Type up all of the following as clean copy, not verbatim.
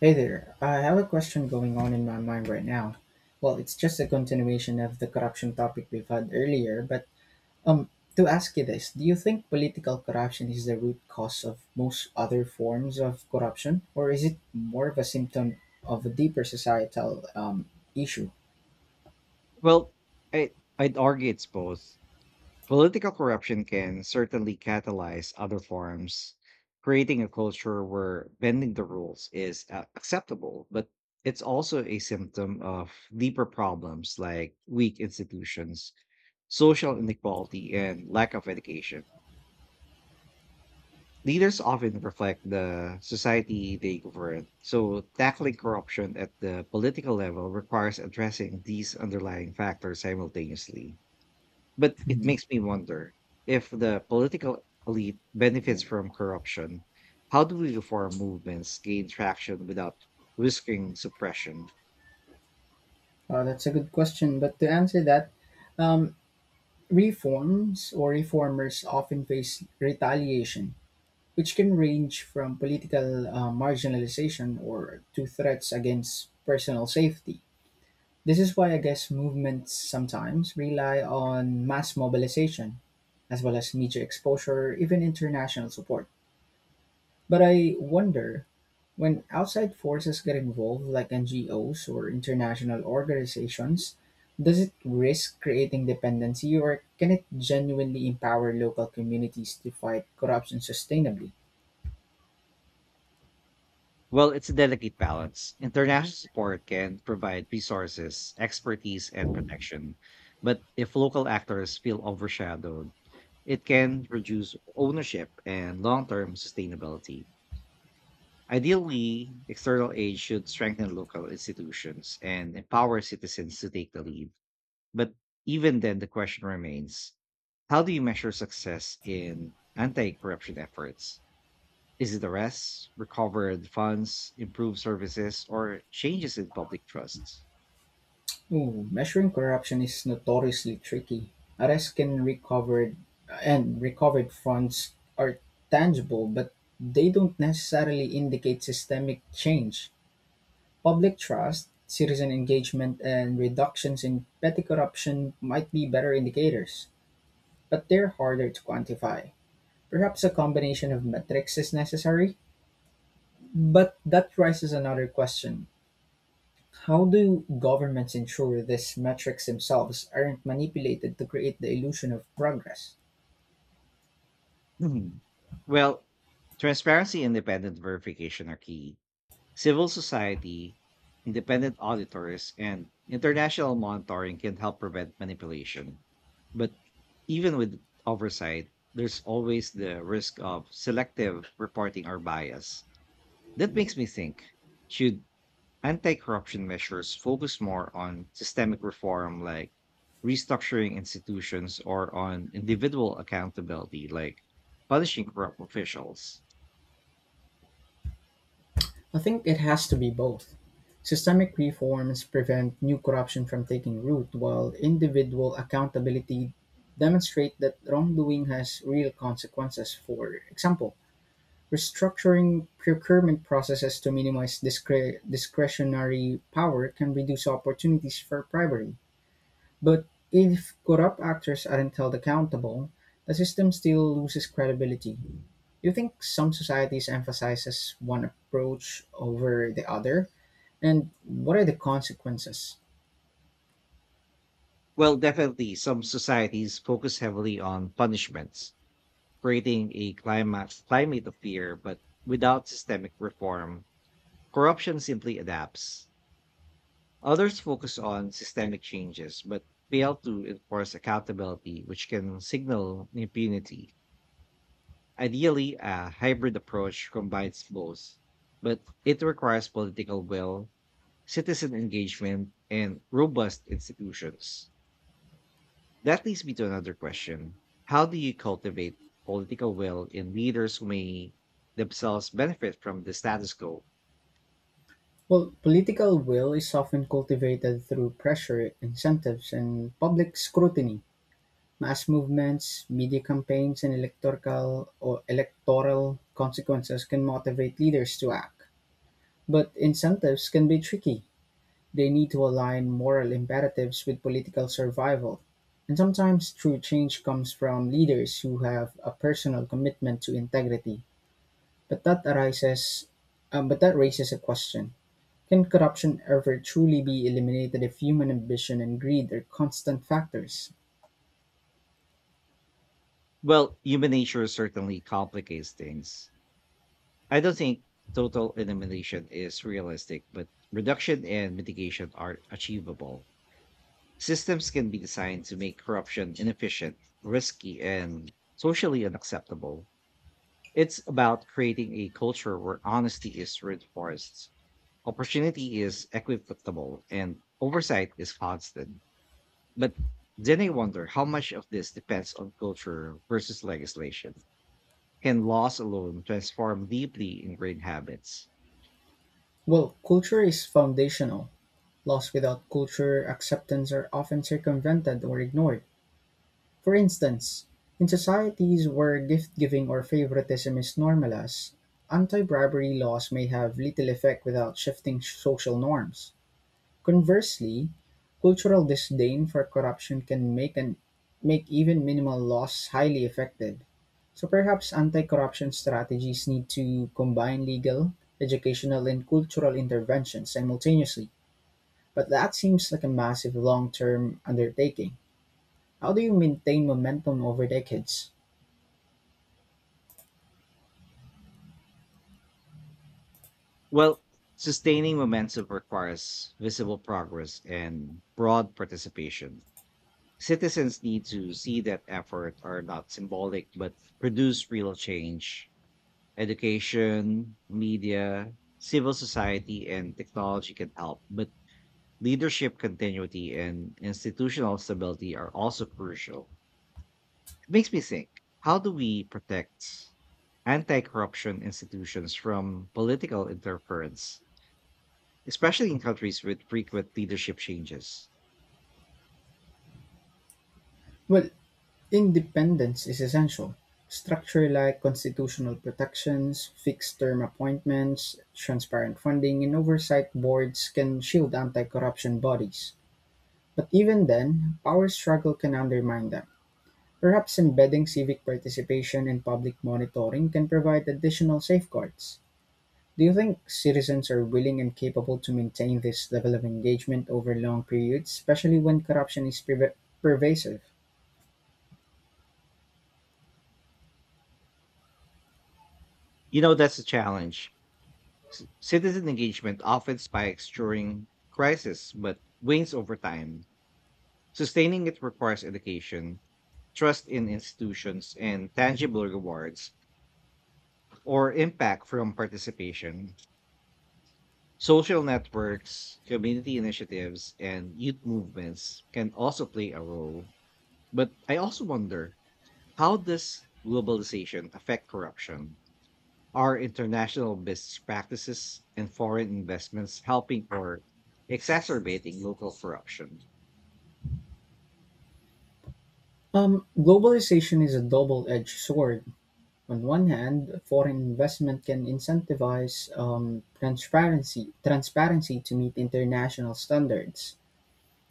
Hey there, I have a question going on in my mind right now. Well, it's just a continuation of the corruption topic we've had earlier, but um, to ask you this, do you think political corruption is the root cause of most other forms of corruption, or is it more of a symptom of a deeper societal issue? Well, I, I'd argue it's both. Political corruption can certainly catalyze other forms, creating a culture where bending the rules is acceptable, but it's also a symptom of deeper problems like weak institutions, social inequality, and lack of education. Leaders often reflect the society they govern, so tackling corruption at the political level requires addressing these underlying factors simultaneously. But it Mhm. makes me wonder if the political elite benefits from corruption. How do we reform movements gain traction without risking suppression? That's a good question, but to answer that, um, reforms or reformers often face retaliation which can range from political marginalization or to threats against personal safety. This is why I guess movements sometimes rely on mass mobilization, as well as media exposure, even international support. But I wonder when outside forces get involved, like NGOs or international organizations, does it risk creating dependency or can it genuinely empower local communities to fight corruption sustainably? Well, it's a delicate balance. International support can provide resources, expertise, and protection. But if local actors feel overshadowed, it can reduce ownership and long term sustainability. Ideally, external aid should strengthen local institutions and empower citizens to take the lead. But even then, the question remains, how do you measure success in anti corruption efforts? Is it arrests, recovered funds, improved services, or changes in public trust? Ooh, measuring corruption is notoriously tricky. Arrests can recovered and recovered funds are tangible, but they don't necessarily indicate systemic change. Public trust, citizen engagement, and reductions in petty corruption might be better indicators, but they're harder to quantify. Perhaps a combination of metrics is necessary, but that raises another question. How do governments ensure these metrics themselves aren't manipulated to create the illusion of progress? Hmm. Well, transparency and independent verification are key. Civil society, independent auditors, and international monitoring can help prevent manipulation. But even with oversight, there's always the risk of selective reporting or bias. That makes me think, should anti corruption measures focus more on systemic reform, like restructuring institutions, or on individual accountability, like punishing corrupt officials? I think it has to be both. Systemic reforms prevent new corruption from taking root, while individual accountability demonstrate that wrongdoing has real consequences. For example, restructuring procurement processes to minimize discretionary power can reduce opportunities for bribery. But if corrupt actors aren't held accountable, the system still loses credibility. Do you think some societies emphasizes one approach over the other? And what are the consequences? Well, definitely, some societies focus heavily on punishments, creating a climate of fear, but without systemic reform, corruption simply adapts. Others focus on systemic changes, but fail to enforce accountability, which can signal impunity. Ideally, a hybrid approach combines both, but it requires political will, citizen engagement, and robust institutions. That leads me to another question. How do you cultivate political will in leaders who may themselves benefit from the status quo? Well, political will is often cultivated through pressure, incentives, and public scrutiny. Mass movements, media campaigns, and electoral consequences can motivate leaders to act. But incentives can be tricky. They need to align moral imperatives with political survival, and sometimes true change comes from leaders who have a personal commitment to integrity. But that arises, but that raises a question: can corruption ever truly be eliminated if human ambition and greed are constant factors? Well, human nature certainly complicates things. I don't think total elimination is realistic, but reduction and mitigation are achievable. Systems can be designed to make corruption inefficient, risky, and socially unacceptable. It's about creating a culture where honesty is reinforced, opportunity is equitable, and oversight is constant. But then I wonder how much of this depends on culture versus legislation. Can laws alone transform deeply ingrained habits? Well, culture is foundational. Laws without culture acceptance are often circumvented or ignored. For instance, in societies where gift-giving or favoritism is normalized, anti-bribery laws may have little effect without shifting social norms. Conversely, cultural disdain for corruption can make even minimal laws highly effective. So perhaps anti-corruption strategies need to combine legal, educational, and cultural interventions simultaneously. But that seems like a massive long-term undertaking. How do you maintain momentum over decades? Well, sustaining momentum requires visible progress and broad participation. Citizens need to see that effort are not symbolic but produce real change. Education, media, civil society, and technology can help, but leadership continuity and institutional stability are also crucial. It makes me think, how do we protect anti corruption institutions from political interference, especially in countries with frequent leadership changes? Well, independence is essential. Structure like constitutional protections, fixed term appointments, transparent funding, and oversight boards can shield anti corruption bodies. But even then, power struggle can undermine them. Perhaps embedding civic participation and public monitoring can provide additional safeguards. Do you think citizens are willing and capable to maintain this level of engagement over long periods, especially when corruption is pervasive? You know, that's a challenge. Citizen engagement often spikes during crisis, but wanes over time. Sustaining it requires education, trust in institutions, and tangible rewards or impact from participation. Social networks, community initiatives, and youth movements can also play a role. But I also wonder, how does globalization affect corruption? Are international business practices and foreign investments helping or exacerbating local corruption? Globalization is a double-edged sword. On one hand, foreign investment can incentivize transparency to meet international standards.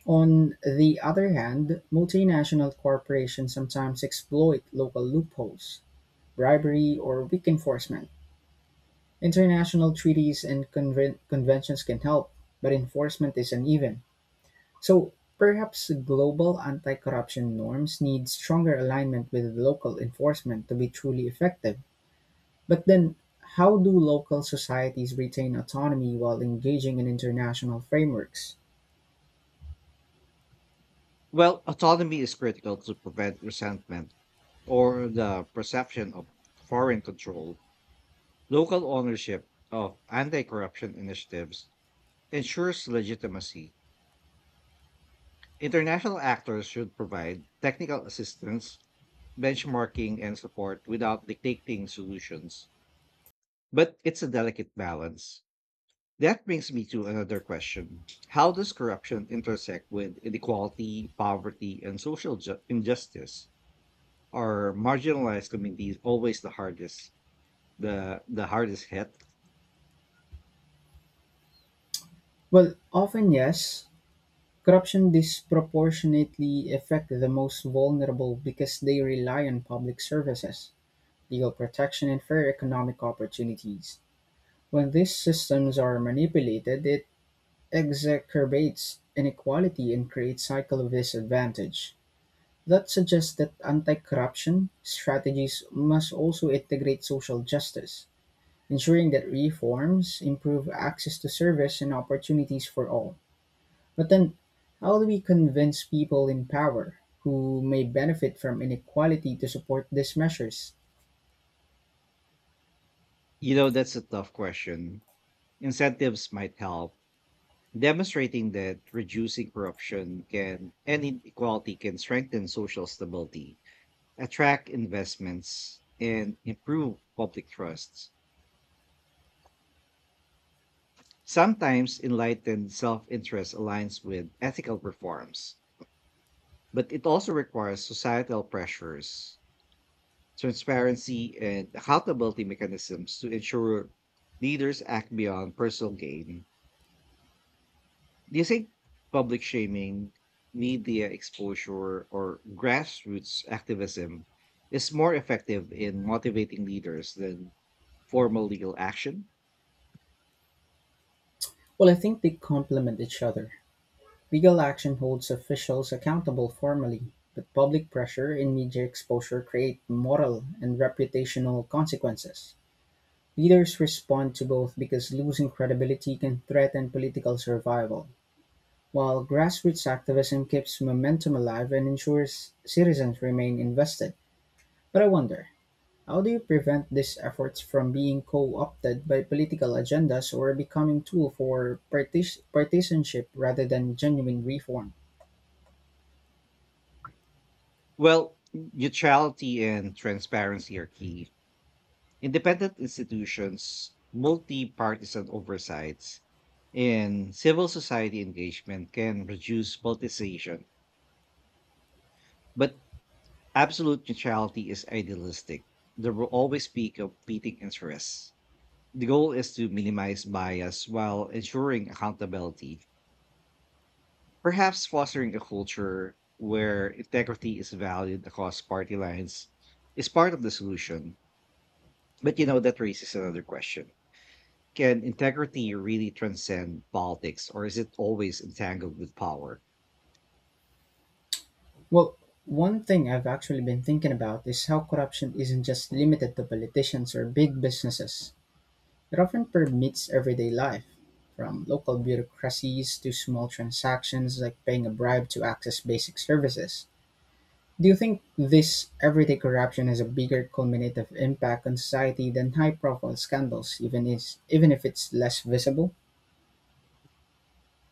On the other hand, multinational corporations sometimes exploit local loopholes, bribery, or weak enforcement. International treaties and conventions can help, but enforcement is uneven. So perhaps global anti-corruption norms need stronger alignment with local enforcement to be truly effective. But then how do local societies retain autonomy while engaging in international frameworks? Well, autonomy is critical to prevent resentment or the perception of foreign control. Local ownership of anti corruption initiatives ensures legitimacy. International actors should provide technical assistance, benchmarking, and support without dictating solutions. But it's a delicate balance. That brings me to another question. How does corruption intersect with inequality, poverty, and social injustice? Are marginalized communities always the hardest, the hardest hit? Well, often yes. Corruption disproportionately affects the most vulnerable because they rely on public services, legal protection, and fair economic opportunities. When these systems are manipulated, it exacerbates inequality and creates cycle of disadvantage that suggests that anti-corruption strategies must also integrate social justice ensuring that reforms improve access to service and opportunities for all, but then how do we convince people in power who may benefit from inequality to support these measures? You know, that's a tough question. Incentives might help. Demonstrating that reducing corruption can and inequality can strengthen social stability, attract investments, and improve public trust. Sometimes enlightened self interest aligns with ethical reforms, but it also requires societal pressures, transparency, and accountability mechanisms to ensure leaders act beyond personal gain. Do you think public shaming, media exposure, or grassroots activism is more effective in motivating leaders than formal legal action? Well, I think they complement each other. Legal action holds officials accountable formally, but public pressure and media exposure create moral and reputational consequences. Leaders respond to both because losing credibility can threaten political survival, while grassroots activism keeps momentum alive and ensures citizens remain invested. But I wonder, how do you prevent these efforts from being co-opted by political agendas or becoming tool for partisanship rather than genuine reform? Well, neutrality and transparency are key. Independent institutions, multi partisan oversights, and civil society engagement can reduce politicization. But absolute neutrality is idealistic. There will always be competing interests. The goal is to minimize bias while ensuring accountability, perhaps fostering a culture where integrity is valued across party lines is part of the solution. But you know, that raises another question. Can integrity really transcend politics, or is it always entangled with power? Well, one thing I've actually been thinking about is how corruption isn't just limited to politicians or big businesses. It often permeates everyday life, from local bureaucracies to small transactions like paying a bribe to access basic services. Do you think this everyday corruption has a bigger cumulative impact on society than high profile scandals, even if it's less visible?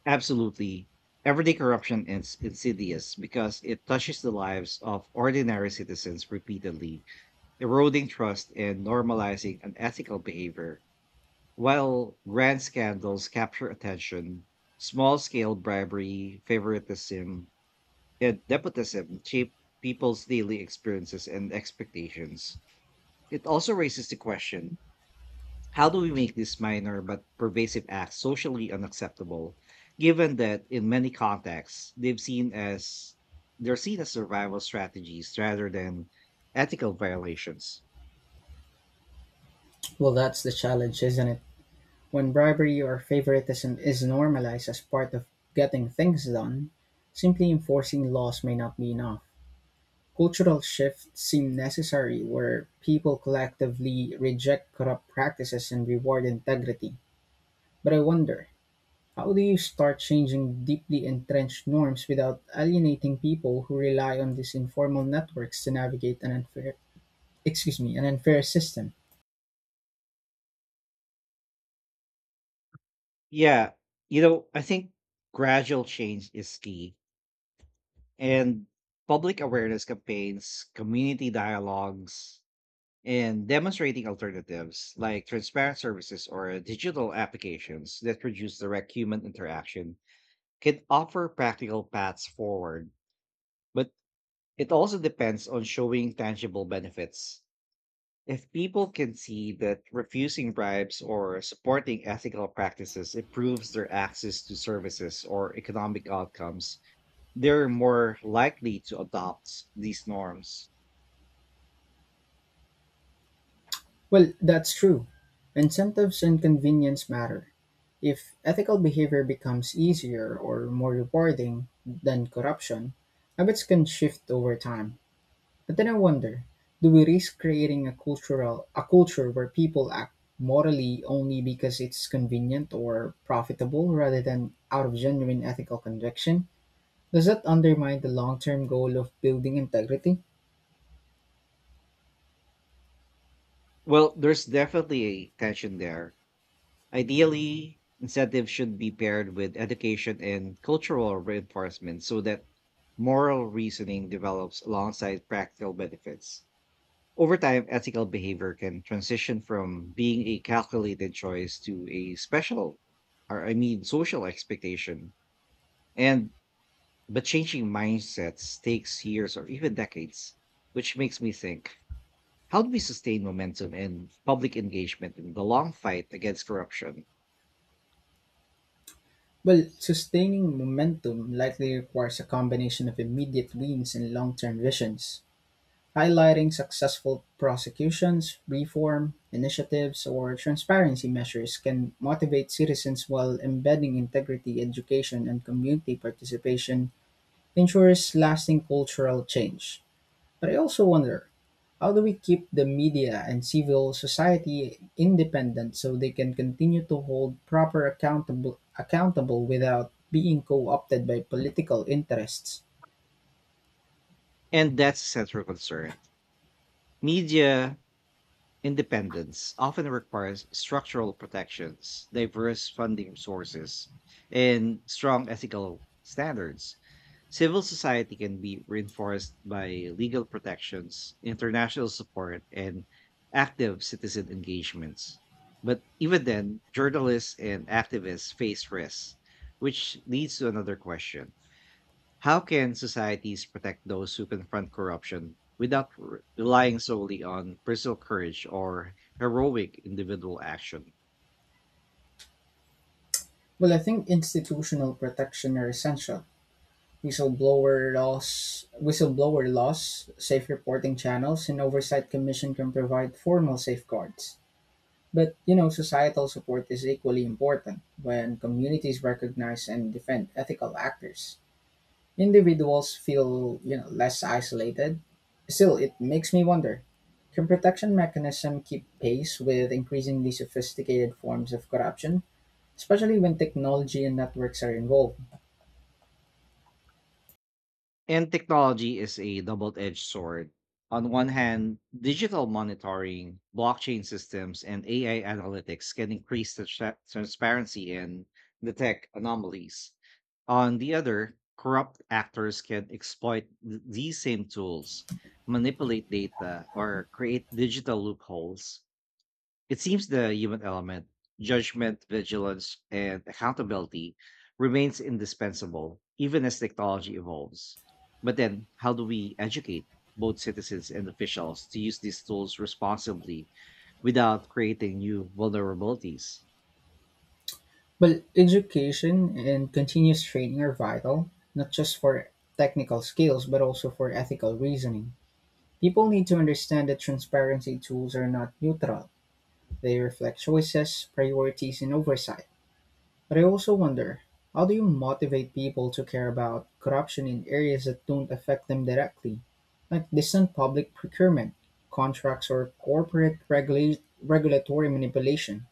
Absolutely. Everyday corruption is insidious because it touches the lives of ordinary citizens repeatedly, eroding trust and normalizing unethical behavior. While grand scandals capture attention, small scale bribery, favoritism, and nepotism shape people's daily experiences and expectations. It also raises the question, how do we make these minor but pervasive acts socially unacceptable, given that in many contexts they're seen as survival strategies rather than ethical violations? Well, that's the challenge, isn't it? When bribery or favoritism is normalized as part of getting things done, simply enforcing laws may not be enough. Cultural shifts seem necessary where people collectively reject corrupt practices and reward integrity. But I wonder, how do you start changing deeply entrenched norms without alienating people who rely on these informal networks to navigate an unfair system? Yeah, you know, I think gradual change is key, and public awareness campaigns, community dialogues, and demonstrating alternatives like transparent services or digital applications that reduce direct human interaction can offer practical paths forward, but it also depends on showing tangible benefits. If people can see that refusing bribes or supporting ethical practices improves their access to services or economic outcomes, they're more likely to adopt these norms. Well, that's true. Incentives and convenience matter. If ethical behavior becomes easier or more rewarding than corruption, habits can shift over time. But then I wonder, do we risk creating a culture where people act morally only because it's convenient or profitable rather than out of genuine ethical conviction? Does that undermine the long-term goal of building integrity? Well, there's definitely a tension there. Ideally, incentives should be paired with education and cultural reinforcement so that moral reasoning develops alongside practical benefits. Over time, ethical behavior can transition from being a calculated choice to a special, or I mean, social expectation. And but changing mindsets takes years or even decades, which makes me think: how do we sustain momentum and public engagement in the long fight against corruption? Well, sustaining momentum likely requires a combination of immediate wins and long term visions, highlighting successful prosecutions, reform initiatives, or transparency measures can motivate citizens while embedding integrity, education, and community participation ensures lasting cultural change. But I also wonder, how do we keep the media and civil society independent so they can continue to hold proper accountable accountable without being co-opted by political interests? And that's a central concern. Media independence often requires structural protections, diverse funding sources, and strong ethical standards. Civil society can be reinforced by legal protections, international support, and active citizen engagements. But even then, journalists and activists face risks, which leads to another question, how can societies protect those who confront corruption without relying solely on personal courage or heroic individual action? Well, I think institutional protection are essential. Whistleblower laws, safe reporting channels, and oversight commission can provide formal safeguards. But you know, societal support is equally important when communities recognize and defend ethical actors. Individuals feel, you know, less isolated. Still, it makes me wonder, can protection mechanism keep pace with increasingly sophisticated forms of corruption, especially when technology and networks are involved? And technology is a double edged sword. On one hand, digital monitoring, blockchain systems, and AI analytics can increase the transparency and detect anomalies. On the other, corrupt actors can exploit these same tools, manipulate data, or create digital loopholes. It seems the human element, judgment, vigilance, and accountability remains indispensable even as technology evolves. But then, how do we educate both citizens and officials to use these tools responsibly without creating new vulnerabilities? Well, education and continuous training are vital, not just for technical skills, but also for ethical reasoning. People need to understand that transparency tools are not neutral. They reflect choices, priorities, and oversight. But I also wonder, how do you motivate people to care about corruption in areas that don't affect them directly, like distant public procurement, contracts, or regulatory manipulation?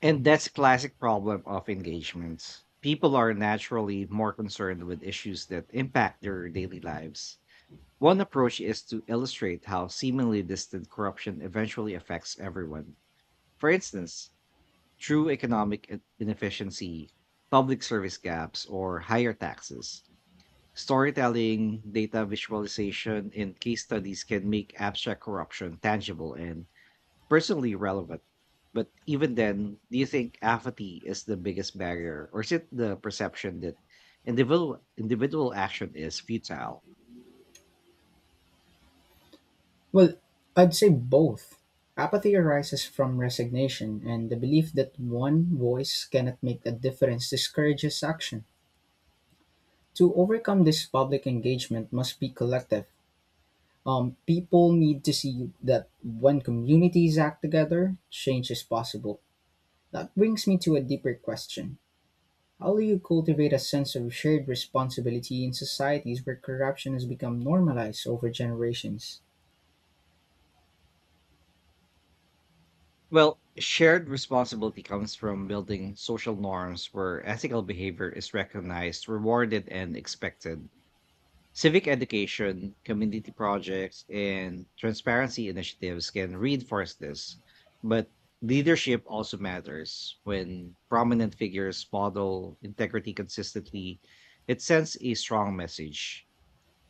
And that's a classic problem of engagements. People are naturally more concerned with issues that impact their daily lives. One approach is to illustrate how seemingly distant corruption eventually affects everyone. For instance, through economic inefficiency, public service gaps, or higher taxes, storytelling, data visualization, and case studies can make abstract corruption tangible and personally relevant. But even then, do you think apathy is the biggest barrier, or is it the perception that individual action is futile? Well, I'd say both. Apathy arises from resignation, and the belief that one voice cannot make a difference discourages action. To overcome this public engagement must be collective. People need to see that when communities act together, change is possible. That brings me to a deeper question. How do you cultivate a sense of shared responsibility in societies where corruption has become normalized over generations? Well, shared responsibility comes from building social norms where ethical behavior is recognized, rewarded, and expected. Civic education, community projects, and transparency initiatives can reinforce this. But leadership also matters. When prominent figures model integrity consistently, it sends a strong message.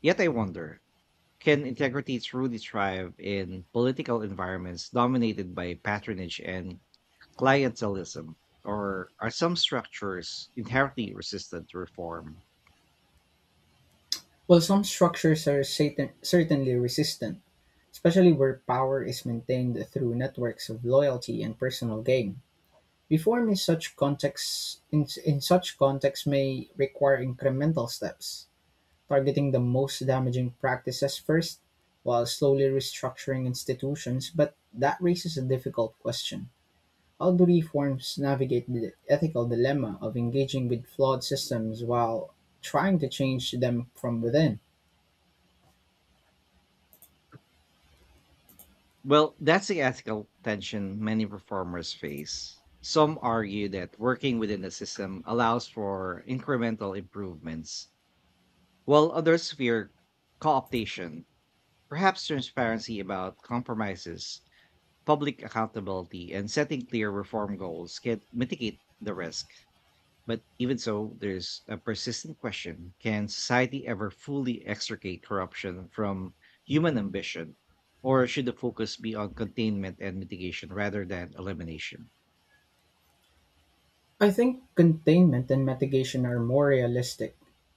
Yet I wonder, can integrity truly thrive in political environments dominated by patronage and clientelism, or are some structures inherently resistant to reform? While some certainly resistant, especially where power is maintained through networks of loyalty and personal gain. Reform in such contexts may require incremental steps targeting the most damaging practices first while slowly restructuring institutions, but that raises a difficult question. How do reforms navigate the ethical dilemma of engaging with flawed systems while trying to change them from within? Well, that's the ethical tension many performers face. Some argue that working within the system allows for incremental improvements, while others fear co-optation. Perhaps transparency about compromises, public accountability, and setting clear reform goals can mitigate the risk. But even so, there's a persistent question, can society ever fully extricate corruption from human ambition? Or should the focus be on containment and mitigation rather than elimination? I think containment and mitigation are more realistic.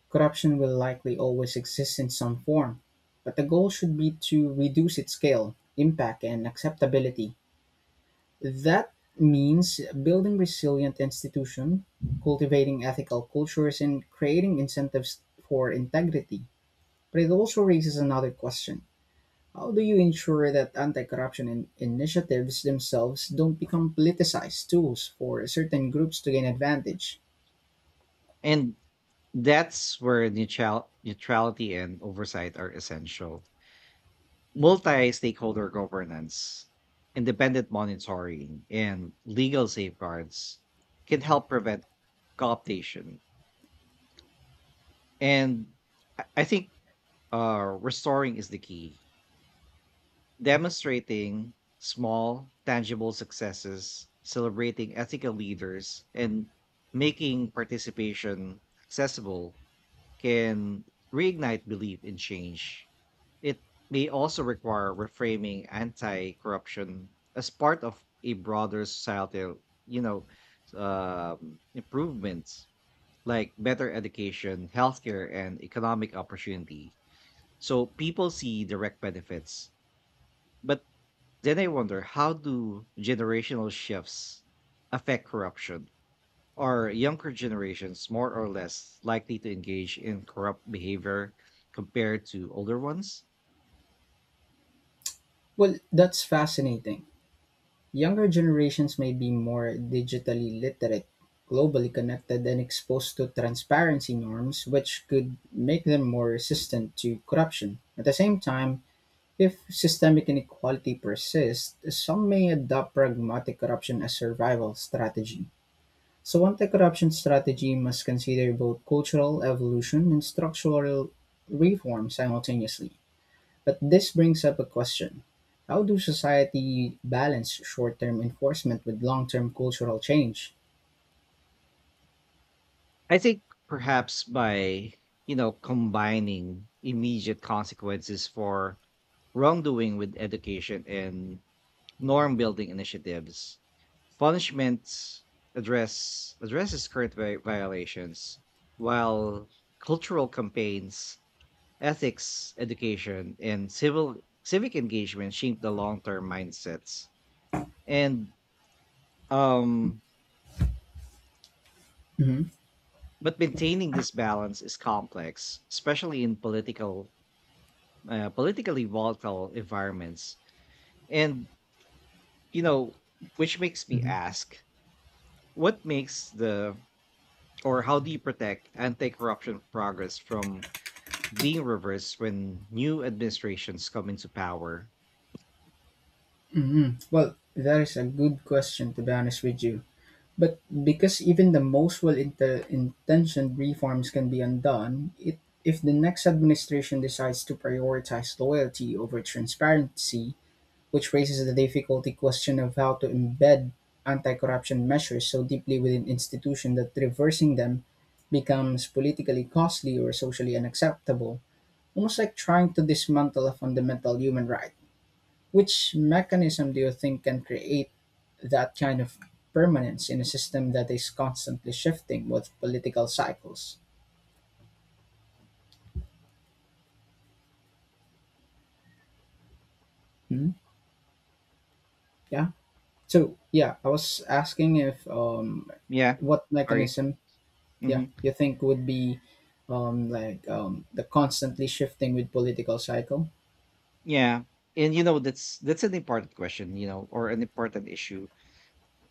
Corruption will likely always exist in some form, but the goal should be to reduce its scale, impact, and acceptability. That means building resilient institutions, cultivating ethical cultures, and creating incentives for integrity. But it also raises another question. How do you ensure that anti corruption initiatives themselves don't become politicized tools for certain groups to gain advantage? And that's where neutrality and oversight are essential. Multi stakeholder governance, independent monitoring, and legal safeguards can help prevent cooptation. And I think restoring is the key. Demonstrating small, tangible successes, celebrating ethical leaders, and making participation accessible can reignite belief in change. It may also require reframing anti corruption as part of a broader societal, you know, improvements like better education, healthcare, and economic opportunity so people see direct benefits. But then I wonder, how do generational shifts affect corruption? Are younger generations more or less likely to engage in corrupt behavior compared to older ones? Well, that's fascinating. Younger generations may be more digitally literate, globally connected and exposed to transparency norms which could make them more resistant to corruption. At the same time, if systemic inequality persists, some may adopt pragmatic corruption as survival strategy. So anti-corruption strategy must consider both cultural evolution and structural reform simultaneously. But this brings up a question. How do society balance short-term enforcement with long-term cultural change? I think perhaps by, you know, combining immediate consequences for wrongdoing with education and norm building initiatives. Punishments addresses current violations, while cultural campaigns, ethics education, and civil civic engagement shape the long-term mindsets. And um, Hmm. but maintaining this balance is complex, especially in politically volatile environments. And you know, which makes me Hmm. ask, what makes the or how do you protect anti-corruption progress from being reversed when new administrations come into power? Hmm. Well, that is a good question to be honest with you. But because even the most well intentioned reforms can be undone, if the next administration decides to prioritize loyalty over transparency, which raises the difficult question of how to embed anti-corruption measures so deeply within institutions that reversing them becomes politically costly or socially unacceptable, almost like trying to dismantle a fundamental human right. Which mechanism do you think can create that kind of permanence in a system that is constantly shifting with political cycles? Hmm? Yeah. So yeah, I was asking if Yeah, what sorry. mechanism yeah hmm you think would be the constantly shifting with political cycle. Yeah, and you know that's an important question, you know, or an important issue.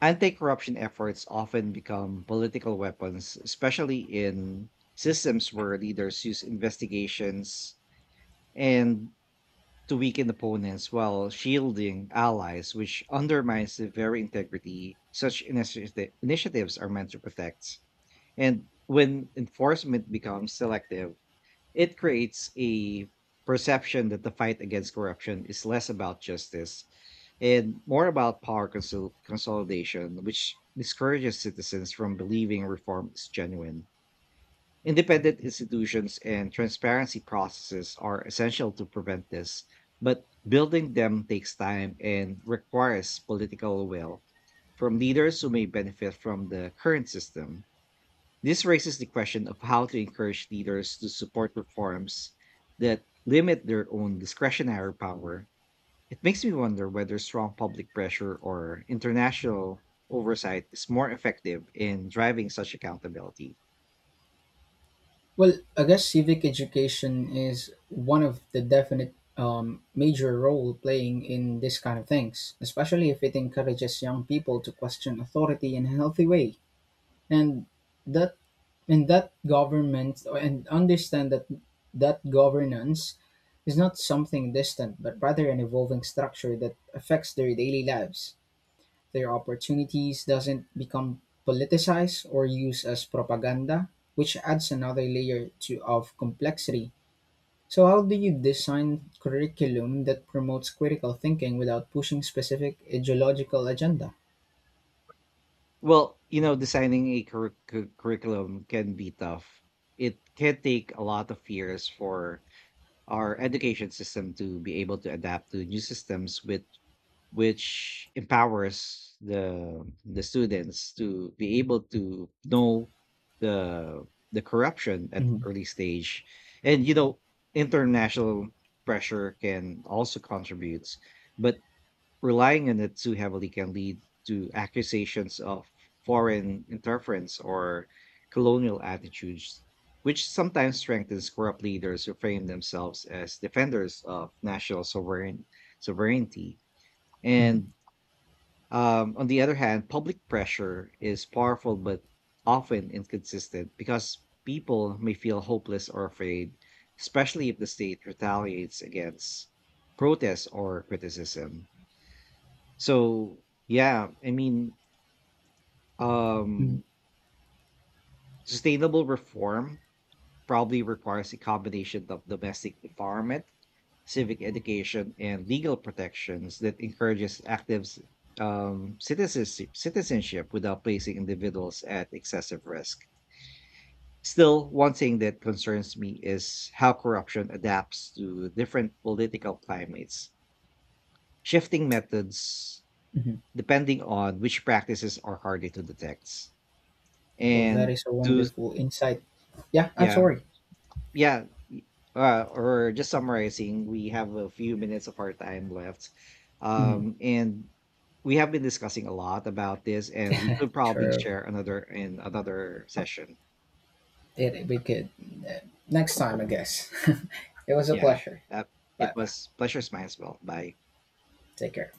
Anti-corruption efforts often become political weapons, especially in systems where leaders use investigations and to weaken opponents while shielding allies, which undermines the very integrity such initiatives are meant to protect. And when enforcement becomes selective, it creates a perception that the fight against corruption is less about justice and more about power consolidation, which discourages citizens from believing reform is genuine. Independent institutions and transparency processes are essential to prevent this, but building them takes time and requires political will from leaders who may benefit from the current system. This raises the question of how to encourage leaders to support reforms that limit their own discretionary power. It makes me wonder whether strong public pressure or international oversight is more effective in driving such accountability. Well, I guess civic education is one of the definite major role playing in this kind of things, especially if it encourages young people to question authority in a healthy way, and that and that government and understand that governance is not something distant but rather an evolving structure that affects their daily lives, their opportunities doesn't become politicized or used as propaganda, which adds another layer to of complexity. So how do you design curriculum that promotes critical thinking without pushing specific ideological agenda? Well, you know, designing a curriculum can be tough. It can take a lot of years for our education system to be able to adapt to new systems with which empowers the students to be able to know the the corruption at Mhm. early stage. And you know, international pressure can also contribute, but relying on it too heavily can lead to accusations of foreign interference or colonial attitudes, which sometimes strengthens corrupt leaders who frame themselves as defenders of national sovereignty. Mhm. And On the other hand, public pressure is powerful but often inconsistent because people may feel hopeless or afraid, especially if the state retaliates against protest or criticism. So Mhm. um, sustainable reform probably requires a combination of domestic empowerment, civic education, and legal protections that encourages citizenship without placing individuals at excessive risk. Still, one thing that concerns me is how corruption adapts to different political climates, shifting methods Mhm. depending on which practices are harder to detect. Well, that And is a those wonderful insight. Yeah, I'm yeah, sorry. yeah. y- or just summarizing, we have a few minutes of our time left. Mhm. And we have been discussing a lot about this, and we could probably True. share another in another session. It, we could uh, next time, I guess. It was a Yeah. pleasure. That It Bye bye. was pleasure mine as well. Bye. Take care.